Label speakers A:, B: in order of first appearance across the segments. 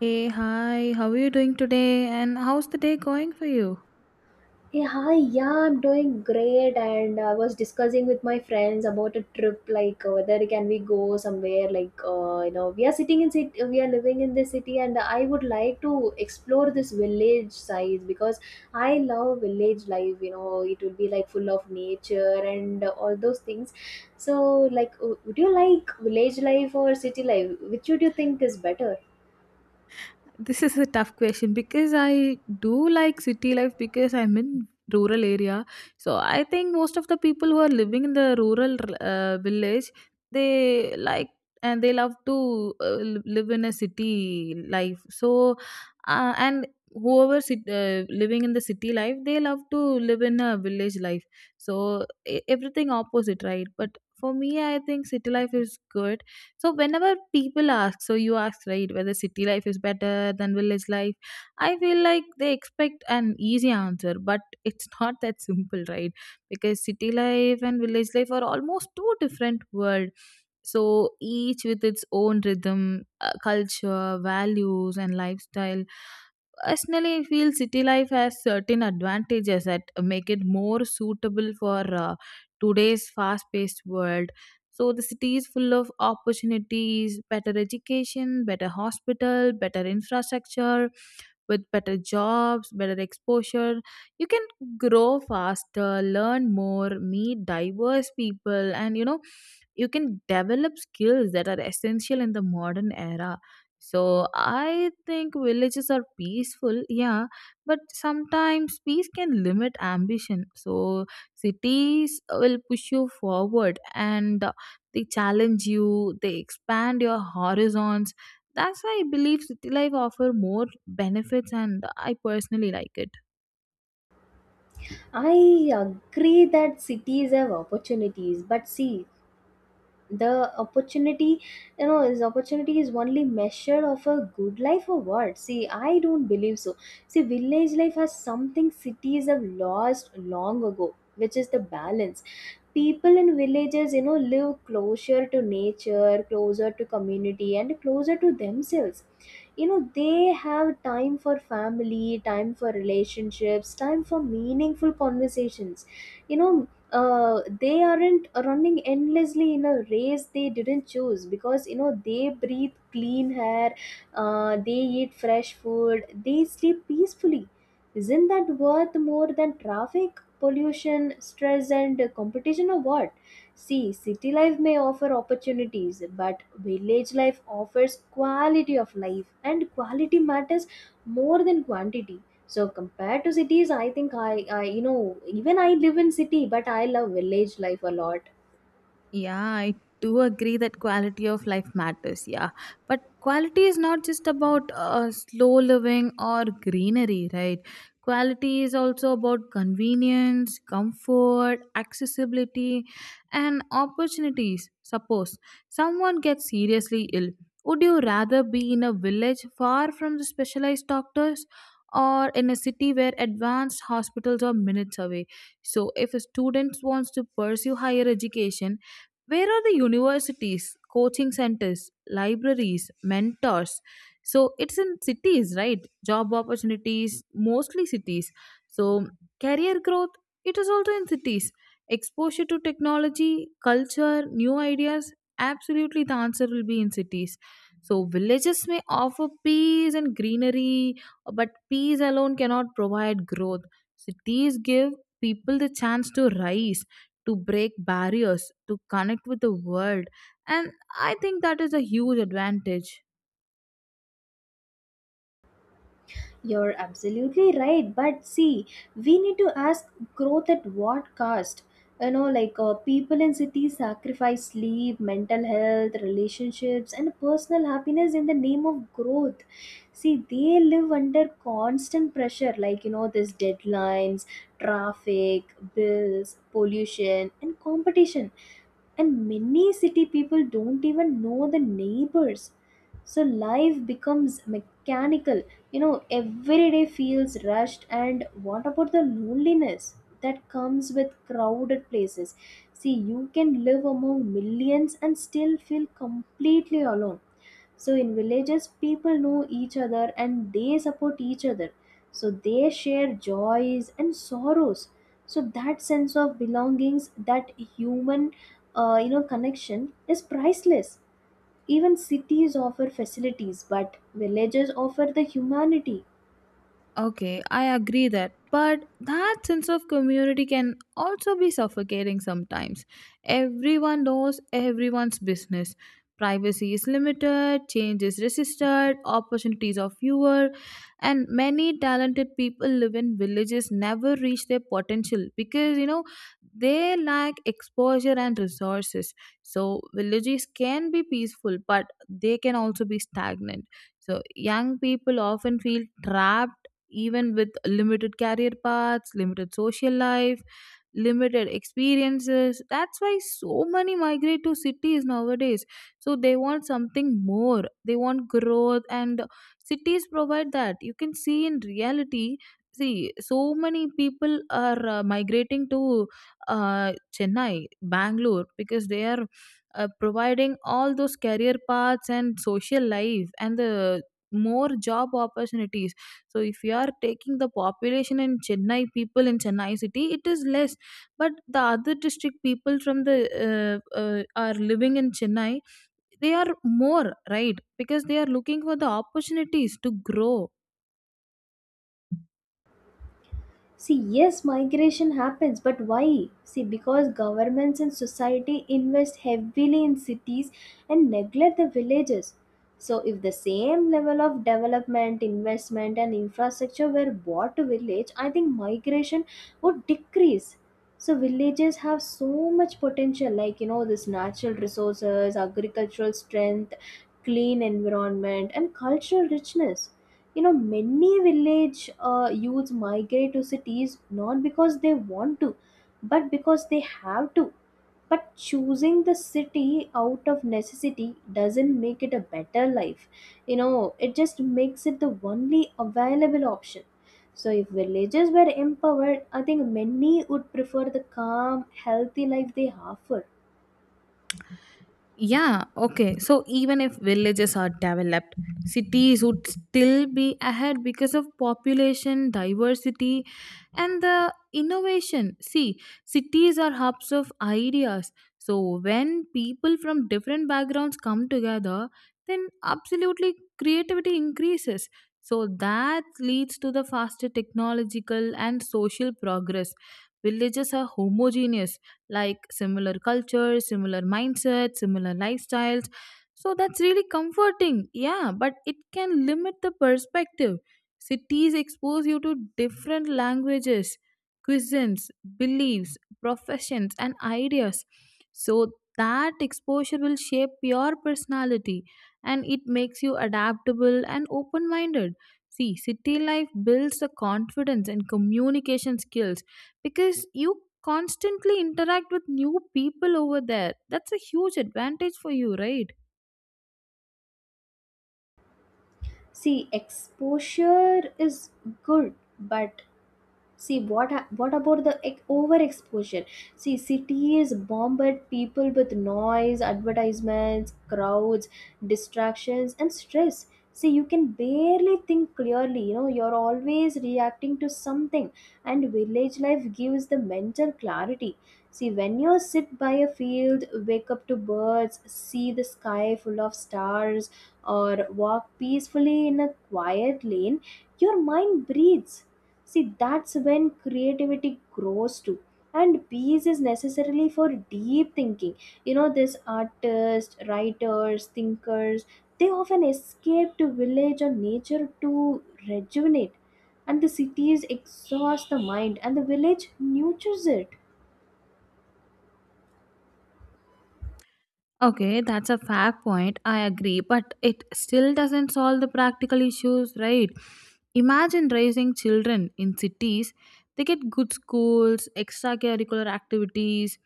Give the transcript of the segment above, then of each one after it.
A: Hey, hi, how are you doing today? And how's the day going for you?
B: Hey, hi, yeah, I'm doing great, and I was discussing with my friends about a trip, whether can we go somewhere, we are sitting in city, we are living in this city, and I would like to explore this village side because I love village life. You know, it will be like full of nature and all those things. So, like, would you like village life or city life? Which would you think is better?
A: This is a tough question because I do like city life because I'm in rural area. So I think most of the people who are living in the rural village, they like and they love to live in a city life. So and whoever living in the city life, they love to live in a village life. So everything opposite, right? But for me, I think city life is good. So whenever people ask, so you asked right, whether city life is better than village life, I feel like they expect an easy answer, but it's not that simple, right? Because city life and village life are almost two different worlds. So each with its own rhythm, culture, values, and lifestyle. Personally, I feel city life has certain advantages that make it more suitable for today's fast paced world. So the city is full of opportunities, better education, better hospital, better infrastructure, with better jobs, better exposure. You can grow faster, learn more, meet diverse people, and you know you can develop skills that are essential in the modern era. So I think villages are peaceful, yeah, but sometimes peace can limit ambition. So cities will push you forward and they challenge you, they expand your horizons. That's why I believe city life offer more benefits and I personally like it.
B: I agree that cities have opportunities, but see the opportunity is opportunity is only measure of a good life or what? See, I don't believe so. See, village life has something cities have lost long ago, which is the balance. People in villages, live closer to nature, closer to community, and closer to themselves. You know, they have time for family, time for relationships, time for meaningful conversations you know they aren't running endlessly in a race they didn't choose, because they breathe clean air. They eat fresh food, they sleep peacefully. Isn't that worth more than traffic, pollution, stress, and competition, or what? See, city life may offer opportunities, but village life offers quality of life, and quality matters more than quantity. So compared to cities, I think I even I live in city, but I love village life a lot.
A: Yeah, I do agree that quality of life matters. Yeah, but quality is not just about slow living or greenery, right? Quality is also about convenience, comfort, accessibility, and opportunities. Suppose someone gets seriously ill. Would you rather be in a village far from the specialized doctors or in a city where advanced hospitals are minutes away? So, if a student wants to pursue higher education, where are the universities, coaching centers, libraries, mentors? So it's in cities, right? Job opportunities, mostly cities. So career growth, it is also in cities. Exposure to technology, culture, new ideas, absolutely the answer will be in cities. So villages may offer peace and greenery, but peace alone cannot provide growth. Cities give people the chance to rise, to break barriers, to connect with the world. And I think that is a huge advantage.
B: You're absolutely right, but see, we need to ask, growth at what cost? You know, people in cities sacrifice sleep, mental health, relationships, and personal happiness in the name of growth. See, they live under constant pressure, like this deadlines, traffic, bills, pollution, and competition, and many city people don't even know the neighbors. So life becomes mechanical. Every day feels rushed. And what about the loneliness that comes with crowded places? See, you can live among millions and still feel completely alone. So in villages, people know each other and they support each other. So they share joys and sorrows. So that sense of belongings, that human, connection is priceless. Even cities offer facilities, but villages offer the humanity.
A: Okay, I agree that. But that sense of community can also be suffocating sometimes. Everyone knows everyone's business. Privacy is limited, change is resisted, opportunities are fewer, and many talented people live in villages never reach their potential because you know they lack exposure and resources. So, villages can be peaceful, but they can also be stagnant. So, young people often feel trapped, even with limited career paths, limited social life, limited experiences. That's why so many migrate to cities nowadays. So they want something more, they want growth, and cities provide that. You can see in reality, see so many people are migrating to uh, Chennai, Bangalore, because they are providing all those career paths and social life and the more job opportunities. So if you are taking the population in Chennai, people in Chennai city, it is less, but the other district people from the are living in Chennai, they are more, right? Because they are looking for the opportunities to grow.
B: See, yes, migration happens, but why? See, because governments and society invest heavily in cities and neglect the villages. So, if the same level of development, investment, and infrastructure were brought to village, I think migration would decrease. So, villages have so much potential, like this natural resources, agricultural strength, clean environment, and cultural richness. Many village youths migrate to cities not because they want to, but because they have to. But choosing the city out of necessity doesn't make it a better life. It just makes it the only available option. So if villages were empowered, I think many would prefer the calm healthy life they offer.
A: Yeah, okay. So even if villages are developed, cities would still be ahead because of population diversity and the innovation. See, cities are hubs of ideas. So when people from different backgrounds come together, then absolutely creativity increases. So that leads to the faster technological and social progress. Villages are homogeneous, like similar cultures, similar mindsets, similar lifestyles. So that's really comforting. Yeah, but it can limit the perspective. Cities expose you to different languages, cuisines, beliefs, professions, and ideas. So that exposure will shape your personality and it makes you adaptable and open minded. See, city life builds the confidence and communication skills because you constantly interact with new people over there. That's a huge advantage for you, right?
B: See, exposure is good, but see what what about the overexposure? See, cities bombard people with noise, advertisements, crowds, distractions, and stress. See, you can barely think clearly. You know, you're always reacting to something, and village life gives the mental clarity. See, when you sit by a field, wake up to birds, see the sky full of stars, or walk peacefully in a quiet lane, your mind breathes. See, that's when creativity grows too. And peace is necessarily for deep thinking. You know, these artists, writers, thinkers, they often escape to village or nature to rejuvenate. And the cities exhaust the mind, and the village nurtures it.
A: Okay, that's a fair point. I agree, but it still doesn't solve the practical issues, right? Imagine raising children in cities. They get good schools, extracurricular activities,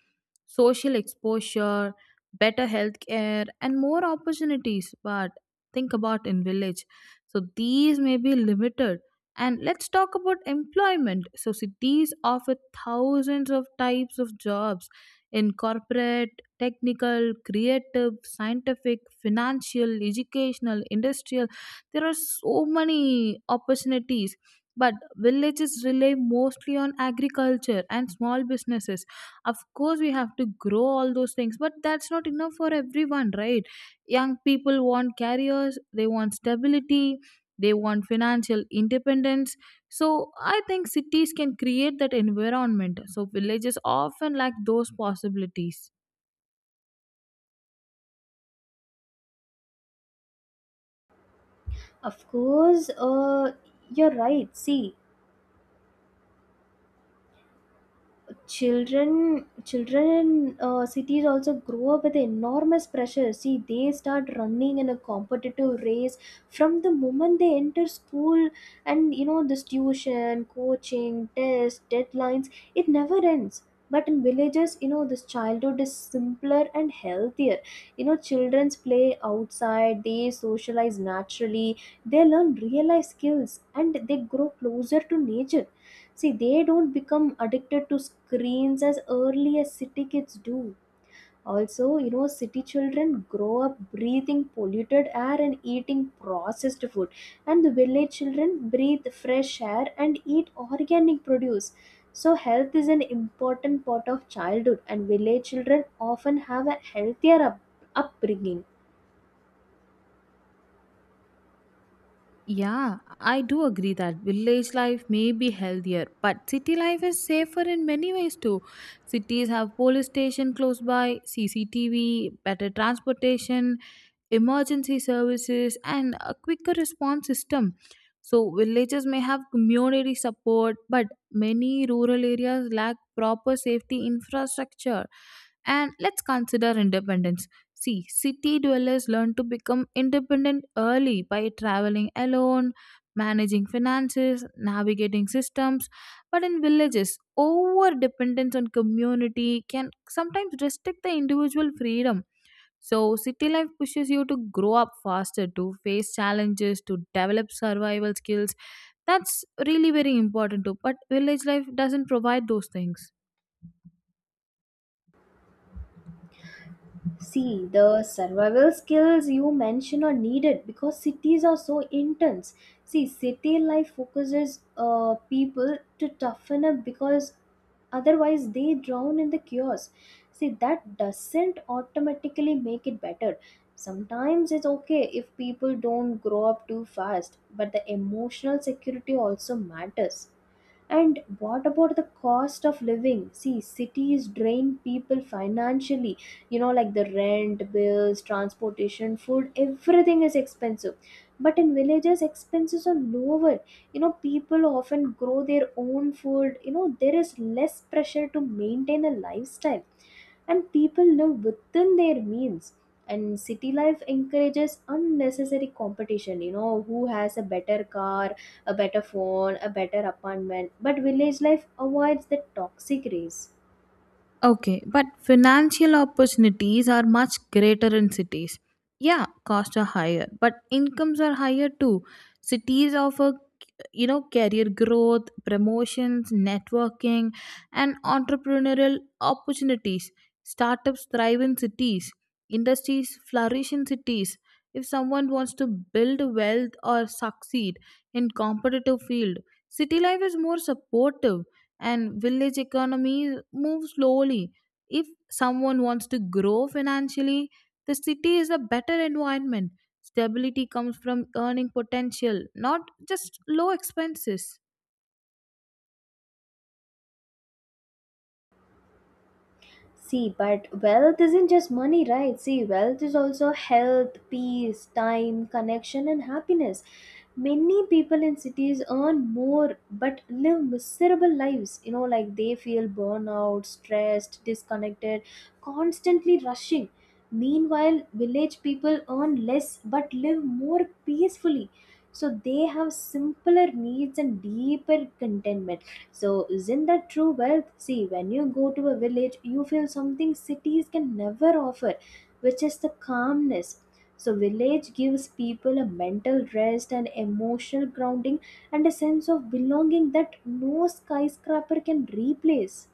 A: social exposure, better healthcare, and more opportunities. But think about in village. So these may be limited. And let's talk about employment. So cities offer thousands of types of jobs in corporate, technical, creative, scientific, financial, educational, industrial. There are so many opportunities. But villages rely mostly on agriculture and small businesses. Of course, we have to grow all those things, but that's not enough for everyone, right? Young people want careers, they want stability, they want financial independence. So I think cities can create that environment. So villages often lack those possibilities.
B: Of course, you're right. See, children in cities also grow up with enormous pressure. See, they start running in a competitive race from the moment they enter school. And this tuition, coaching, tests, deadlines, it never ends. But in villages, this childhood is simpler and healthier. Childrens play outside, they socialize naturally, they learn real life skills, and they grow closer to nature. See, they don't become addicted to screens as early as city kids do. Also, you know, city children grow up breathing polluted air and eating processed food, and the village children breathe fresh air and eat organic produce. So, health is an important part of childhood, and village children often have a healthier upbringing.
A: Yeah, I do agree that village life may be healthier, but city life is safer in many ways too. Cities have police station close by, CCTV, better transportation, emergency services, and a quicker response system. So, villages may have community support, but many rural areas lack proper safety infrastructure. And let's consider independence. See, city dwellers learn to become independent early by traveling alone, managing finances, navigating systems. But in villages, over dependence on community can sometimes restrict the individual freedom. So, city life pushes you to grow up faster, to face challenges, to develop survival skills. That's really very important too. But village life doesn't provide those things.
B: See, the survival skills you mention are needed because cities are so intense. See, city life focuses people to toughen up, because otherwise they drown in the chaos. See, that doesn't automatically make it better. Sometimes it's okay if people don't grow up too fast, but the emotional security also matters. And what about the cost of living? See, cities drain people financially. You know, like the rent, bills, transportation, food, everything is expensive. But in villages, expenses are lower. People often grow their own food. There is less pressure to maintain a lifestyle, and people live within their means. And city life encourages unnecessary competition. You know, who has a better car, a better phone, a better apartment? But village life avoids the toxic race.
A: Okay, but financial opportunities are much greater in cities. Yeah, costs are higher, but incomes are higher too. Cities offer, you know, career growth, promotions, networking, and entrepreneurial opportunities. Startups thrive in cities, industries flourish in cities. If someone wants to build wealth or succeed in competitive field, city life is more supportive, and village economies move slowly. If someone wants to grow financially, the city is a better environment. Stability comes from earning potential, not just low expenses.
B: See, but wealth isn't just money, right? See, wealth is also health, peace, time, connection, and happiness. Many people in cities earn more but live miserable lives. You know, like they feel burnout, stressed, disconnected, constantly rushing. Meanwhile, village people earn less but live more peacefully. So they have simpler needs and deeper contentment. So isn't that true wealth? See, when you go to a village you feel something cities can never offer, which is the calmness. So village gives people a mental rest and emotional grounding, and a sense of belonging that no skyscraper can replace.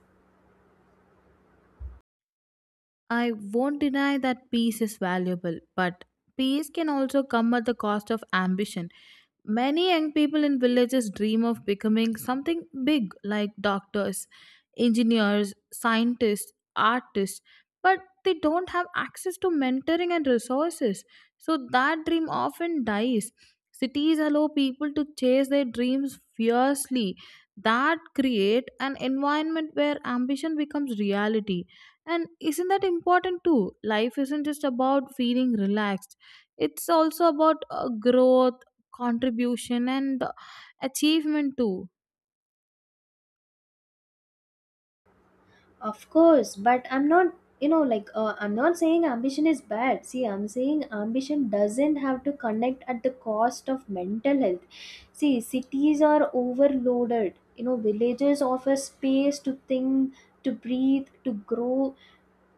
A: I won't deny that peace is valuable, but peace can also come at the cost of ambition. Many young people in villages dream of becoming something big like doctors, engineers, scientists, artists, but they don't have access to mentoring and resources. So that dream often dies. Cities allow people to chase their dreams fiercely. That create an environment where ambition becomes reality, and isn't that important too? Life isn't just about feeling relaxed, it's also about growth, contribution, and achievement too.
B: Of course, but I'm not, I'm not saying ambition is bad. See, I'm saying ambition doesn't have to connect at the cost of mental health. See, cities are overloaded. You know, villages offer space to think, to breathe, to grow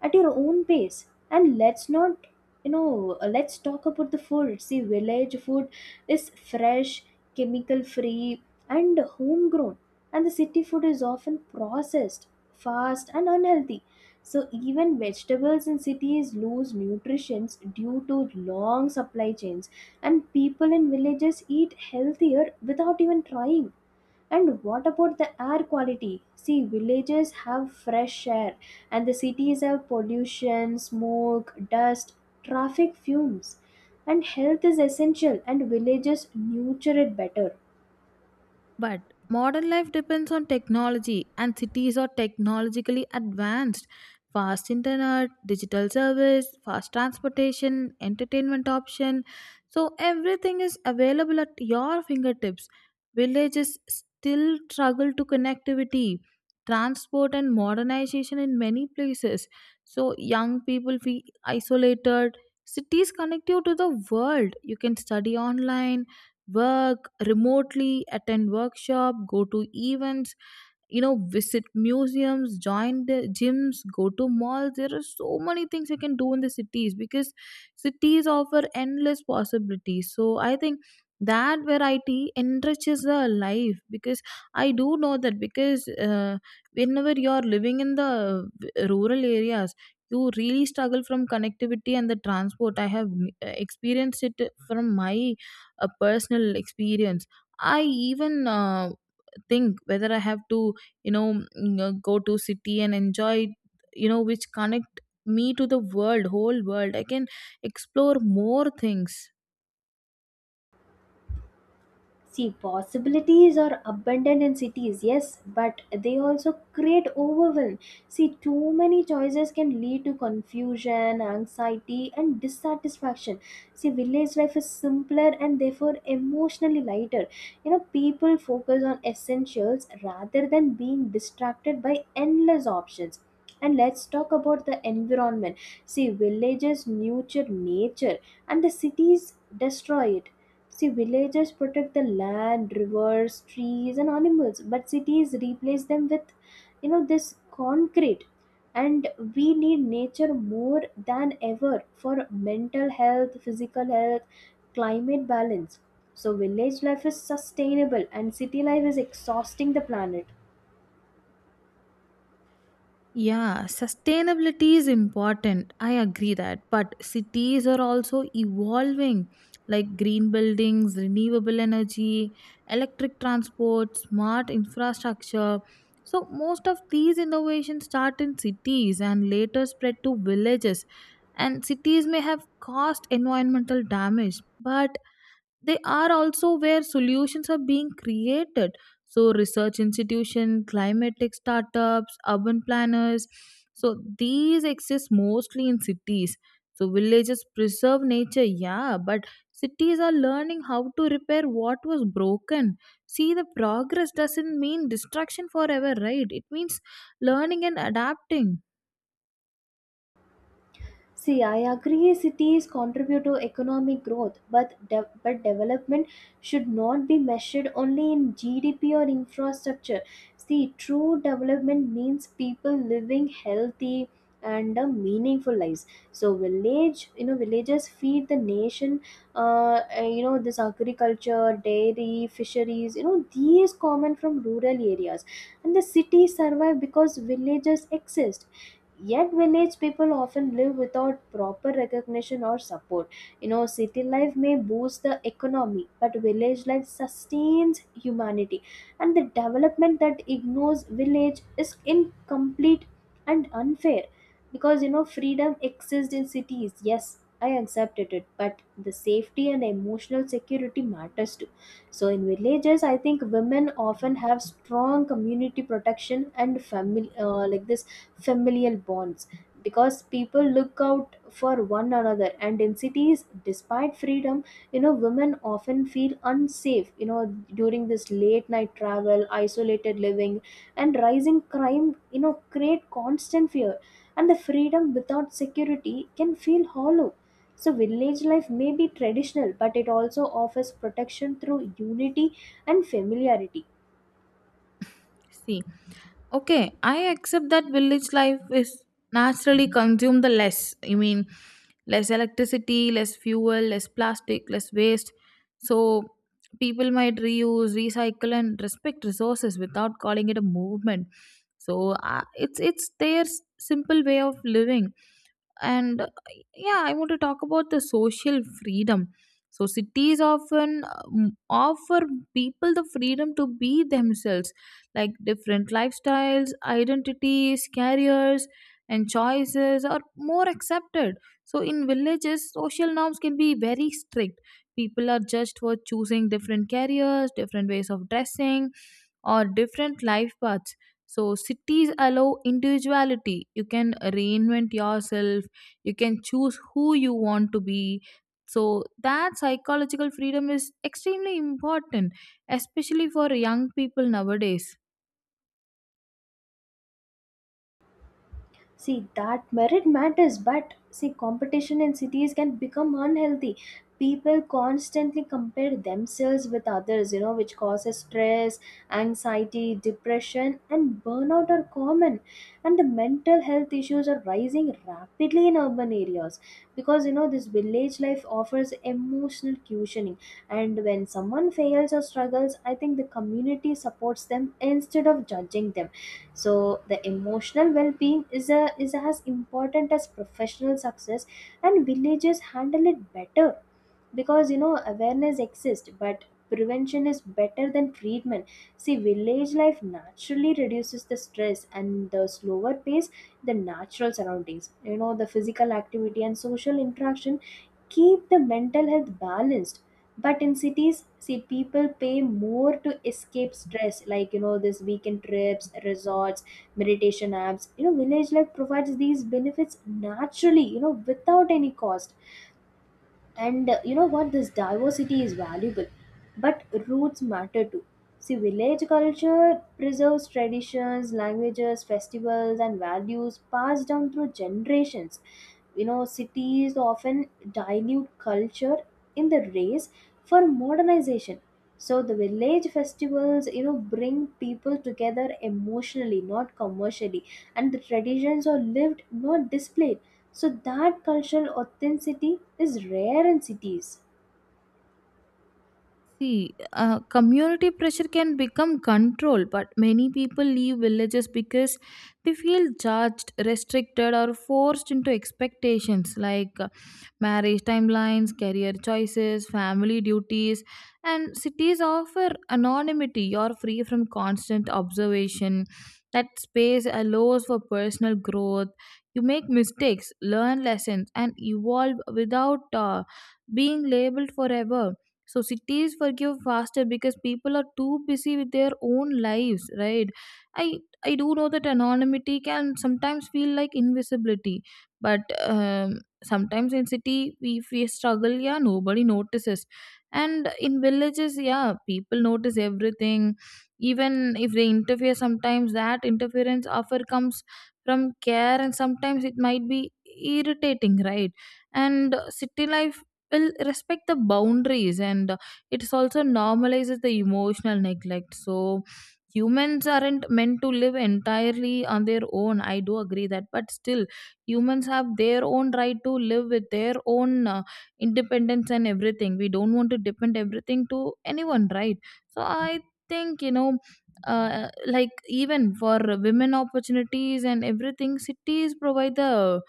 B: at your own pace. And let's not you know let's talk about the food. See, village food is fresh, chemical free, and homegrown. And the city food is often processed, fast, and unhealthy. So even vegetables in cities lose nutrients due to long supply chains, and people in villages eat healthier without even trying. And what about the air quality? See, villages have fresh air, and the cities have pollution, smoke, dust, traffic fumes. And health is essential, and villages nurture it better.
A: But modern life depends on technology, and cities are technologically advanced. Fast internet, digital service, fast transportation, entertainment option. So everything is available at your fingertips. Villages still struggle to connectivity, transport, and modernization in many places. So young people feel isolated. Cities connect you to the world. You can study online, work remotely, attend workshop, go to events, you know, visit museums, join the gyms, go to malls. There are so many things you can do in the cities because cities offer endless possibilities. So I think that variety enriches the life, because I do know that, because whenever you're living in the rural areas, you really struggle from connectivity and the transport. I have experienced it from my personal experience. I even think whether I have to, you know, go to city and enjoy, you know, which connect me to the world, whole world, I can explore more things.
B: See, possibilities are abundant in cities, yes, but they also create overwhelm. See, too many choices can lead to confusion, anxiety, and dissatisfaction. See, village life is simpler and therefore emotionally lighter. You know, people focus on essentials rather than being distracted by endless options. And let's talk about the environment. See, villages nurture nature and the cities destroy it. See, villagers protect the land, rivers, trees, and animals, but cities replace them with, you know, this concrete. And we need nature more than ever for mental health, physical health, climate balance. So, village life is sustainable, and city life is exhausting the planet.
A: Yeah, sustainability is important. I agree that. But cities are also evolving, like green buildings, renewable energy, electric transport, smart infrastructure. So, most of these innovations start in cities and later spread to villages. And cities may have caused environmental damage, but they are also where solutions are being created. So research institution, climatic startups, urban planners, so these exist mostly in cities. So villages preserve nature, yeah, but cities are learning how to repair what was broken. See, the progress doesn't mean destruction forever, right? It means learning and adapting.
B: See, I agree cities contribute to economic growth, but but development should not be measured only in GDP or infrastructure. See, true development means people living healthy and meaningful lives. So, village, you know, villages feed the nation. You know, this agriculture, dairy, fisheries. You know, these common from rural areas, and the cities survive because villages exist. Yet, village people often live without proper recognition or support. You know, city life may boost the economy, but village life sustains humanity. And the development that ignores village is incomplete and unfair. Because you know, freedom exists in cities. Yes, I accepted it, but the safety and emotional security matters too. So, in villages, I think women often have strong community protection and family, like this familial bonds, because people look out for one another. And in cities, despite freedom, women often feel unsafe. During this late night travel, isolated living, and rising crime, create constant fear. And the freedom without security can feel hollow. So village life may be traditional, but it also offers protection through unity and familiarity.
A: See, okay, I accept that village life is naturally consume the less. I mean, less electricity, less fuel, less plastic, less waste. So people might reuse, recycle, and respect resources without calling it a movement. So it's their simple way of living. And yeah, I want to talk about the social freedom. So cities often offer people the freedom to be themselves, like different lifestyles, identities, careers, and choices are more accepted. So, in villages, social norms can be very strict. People are judged for choosing different careers, different ways of dressing, or different life paths. So, cities allow individuality. You can reinvent yourself, you can choose who you want to be. So, that psychological freedom is extremely important, especially for young people nowadays.
B: See, that merit matters, but see, competition in cities can become unhealthy. People constantly compare themselves with others, which causes stress, anxiety, depression, and burnout are common. And the mental health issues are rising rapidly in urban areas, because, this village life offers emotional cushioning. And when someone fails or struggles, I think the community supports them instead of judging them. So the emotional well-being is as important as professional success, and villages handle it better. Because awareness exists, but prevention is better than treatment. See, village life naturally reduces the stress, and the slower pace, the natural surroundings, the physical activity and social interaction keep the mental health balanced. But in cities, see, people pay more to escape stress, like this weekend trips, resorts, meditation apps. Village life provides these benefits naturally, without any cost. And you know what, this diversity is valuable, but roots matter too. See, village culture preserves traditions, languages, festivals, and values passed down through generations. You know, cities often dilute culture in the race for modernization. So the village festivals, you know, bring people together emotionally, not commercially, and the traditions are lived, not displayed. So that cultural authenticity is rare in cities.
A: See, community pressure can become control, but many people leave villages because they feel judged, restricted, or forced into expectations like marriage timelines, career choices, family duties. And cities offer anonymity, you're free from constant observation. That space allows for personal growth. You make mistakes, learn lessons, and evolve without being labeled forever. So cities forgive faster because people are too busy with their own lives, right? I do know that anonymity can sometimes feel like invisibility, but sometimes in city we face struggle. Yeah, nobody notices, and in villages, yeah, people notice everything. Even if they interfere, sometimes that interference offer comes from care, and sometimes it might be irritating, right? And city life will respect the boundaries, and it also normalizes the emotional neglect. So humans aren't meant to live entirely on their own. I do agree that, but still humans have their own right to live with their own independence and everything. We don't want to depend everything to anyone, right? So I think, you know, like even for women opportunities and everything, cities provide the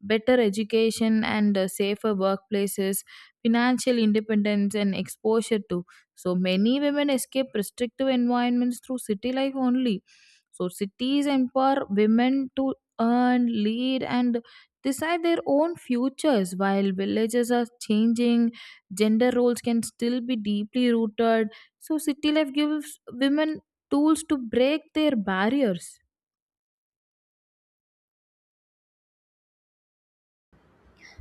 A: better education and safer workplaces, financial independence, and exposure to. So many women escape restrictive environments through city life only. So cities empower women to earn, lead, and decide their own futures, while villages are changing gender roles can still be deeply rooted. So city life gives women tools to break their barriers.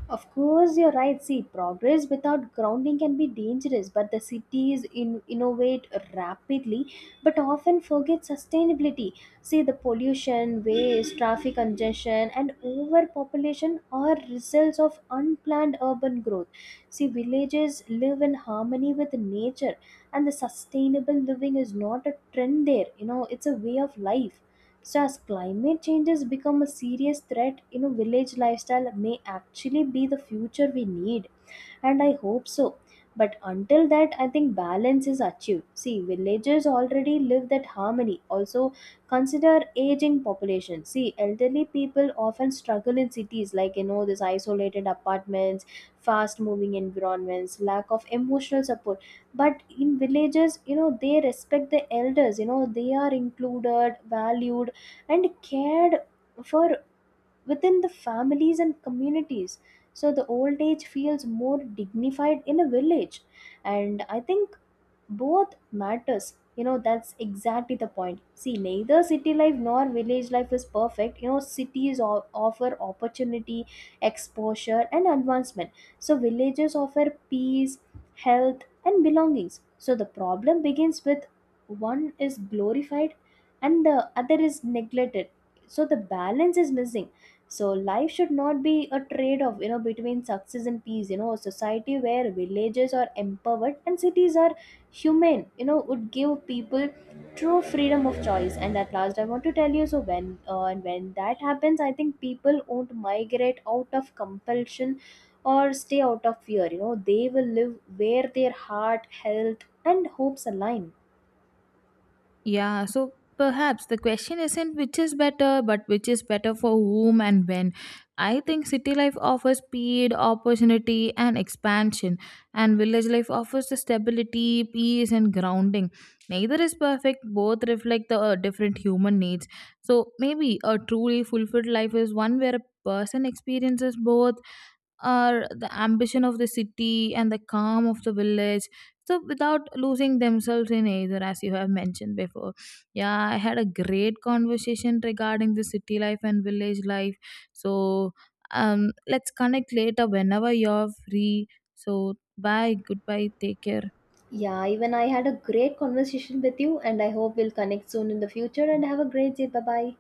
B: Of course, you're right. See, progress without grounding can be dangerous, but the cities innovate rapidly, but often forget sustainability. See, the pollution, waste, traffic congestion, and overpopulation are results of unplanned urban growth. See, villages live in harmony with nature, and the sustainable living is not a trend there, you know, it's a way of life. So, as climate changes become a serious threat, you know, village lifestyle may actually be the future we need, and I hope so. But until that, I think balance is achieved. See, villagers already live that harmony. Also, consider aging population. See, elderly people often struggle in cities, like these isolated apartments, fast-moving environments, lack of emotional support. But in villages, you know, they respect the elders. You know, they are included, valued, and cared for within the families and communities. So the old age feels more dignified in a village. And I think both matters. You know, that's exactly the point. See, neither city life nor village life is perfect. You know, cities offer opportunity, exposure, and advancement. So, villages offer peace, health, and belongings. So, the problem begins with one is glorified and the other is neglected. So the balance is missing. So life should not be a trade off, between success and peace. You know, a society where villages are empowered and cities are human, would give people true freedom of choice. And at last I want to tell you, so when that happens, I think people won't migrate out of compulsion or stay out of fear. You know, they will live where their heart, health, and hopes align.
A: Yeah, so perhaps the question isn't which is better, but which is better for whom and when. I think city life offers speed, opportunity, and expansion, and village life offers the stability, peace, and grounding. Neither is perfect, both reflect the different human needs. So maybe a truly fulfilled life is one where a person experiences both, or the ambition of the city and the calm of the village, so without losing themselves in either, as you have mentioned before. Yeah, I had a great conversation regarding the city life and village life. So, um, let's connect later whenever you're free. So bye, goodbye, take care.
B: Yeah, even I had a great conversation with you, and I hope we'll connect soon in the future, and have a great day. Bye bye.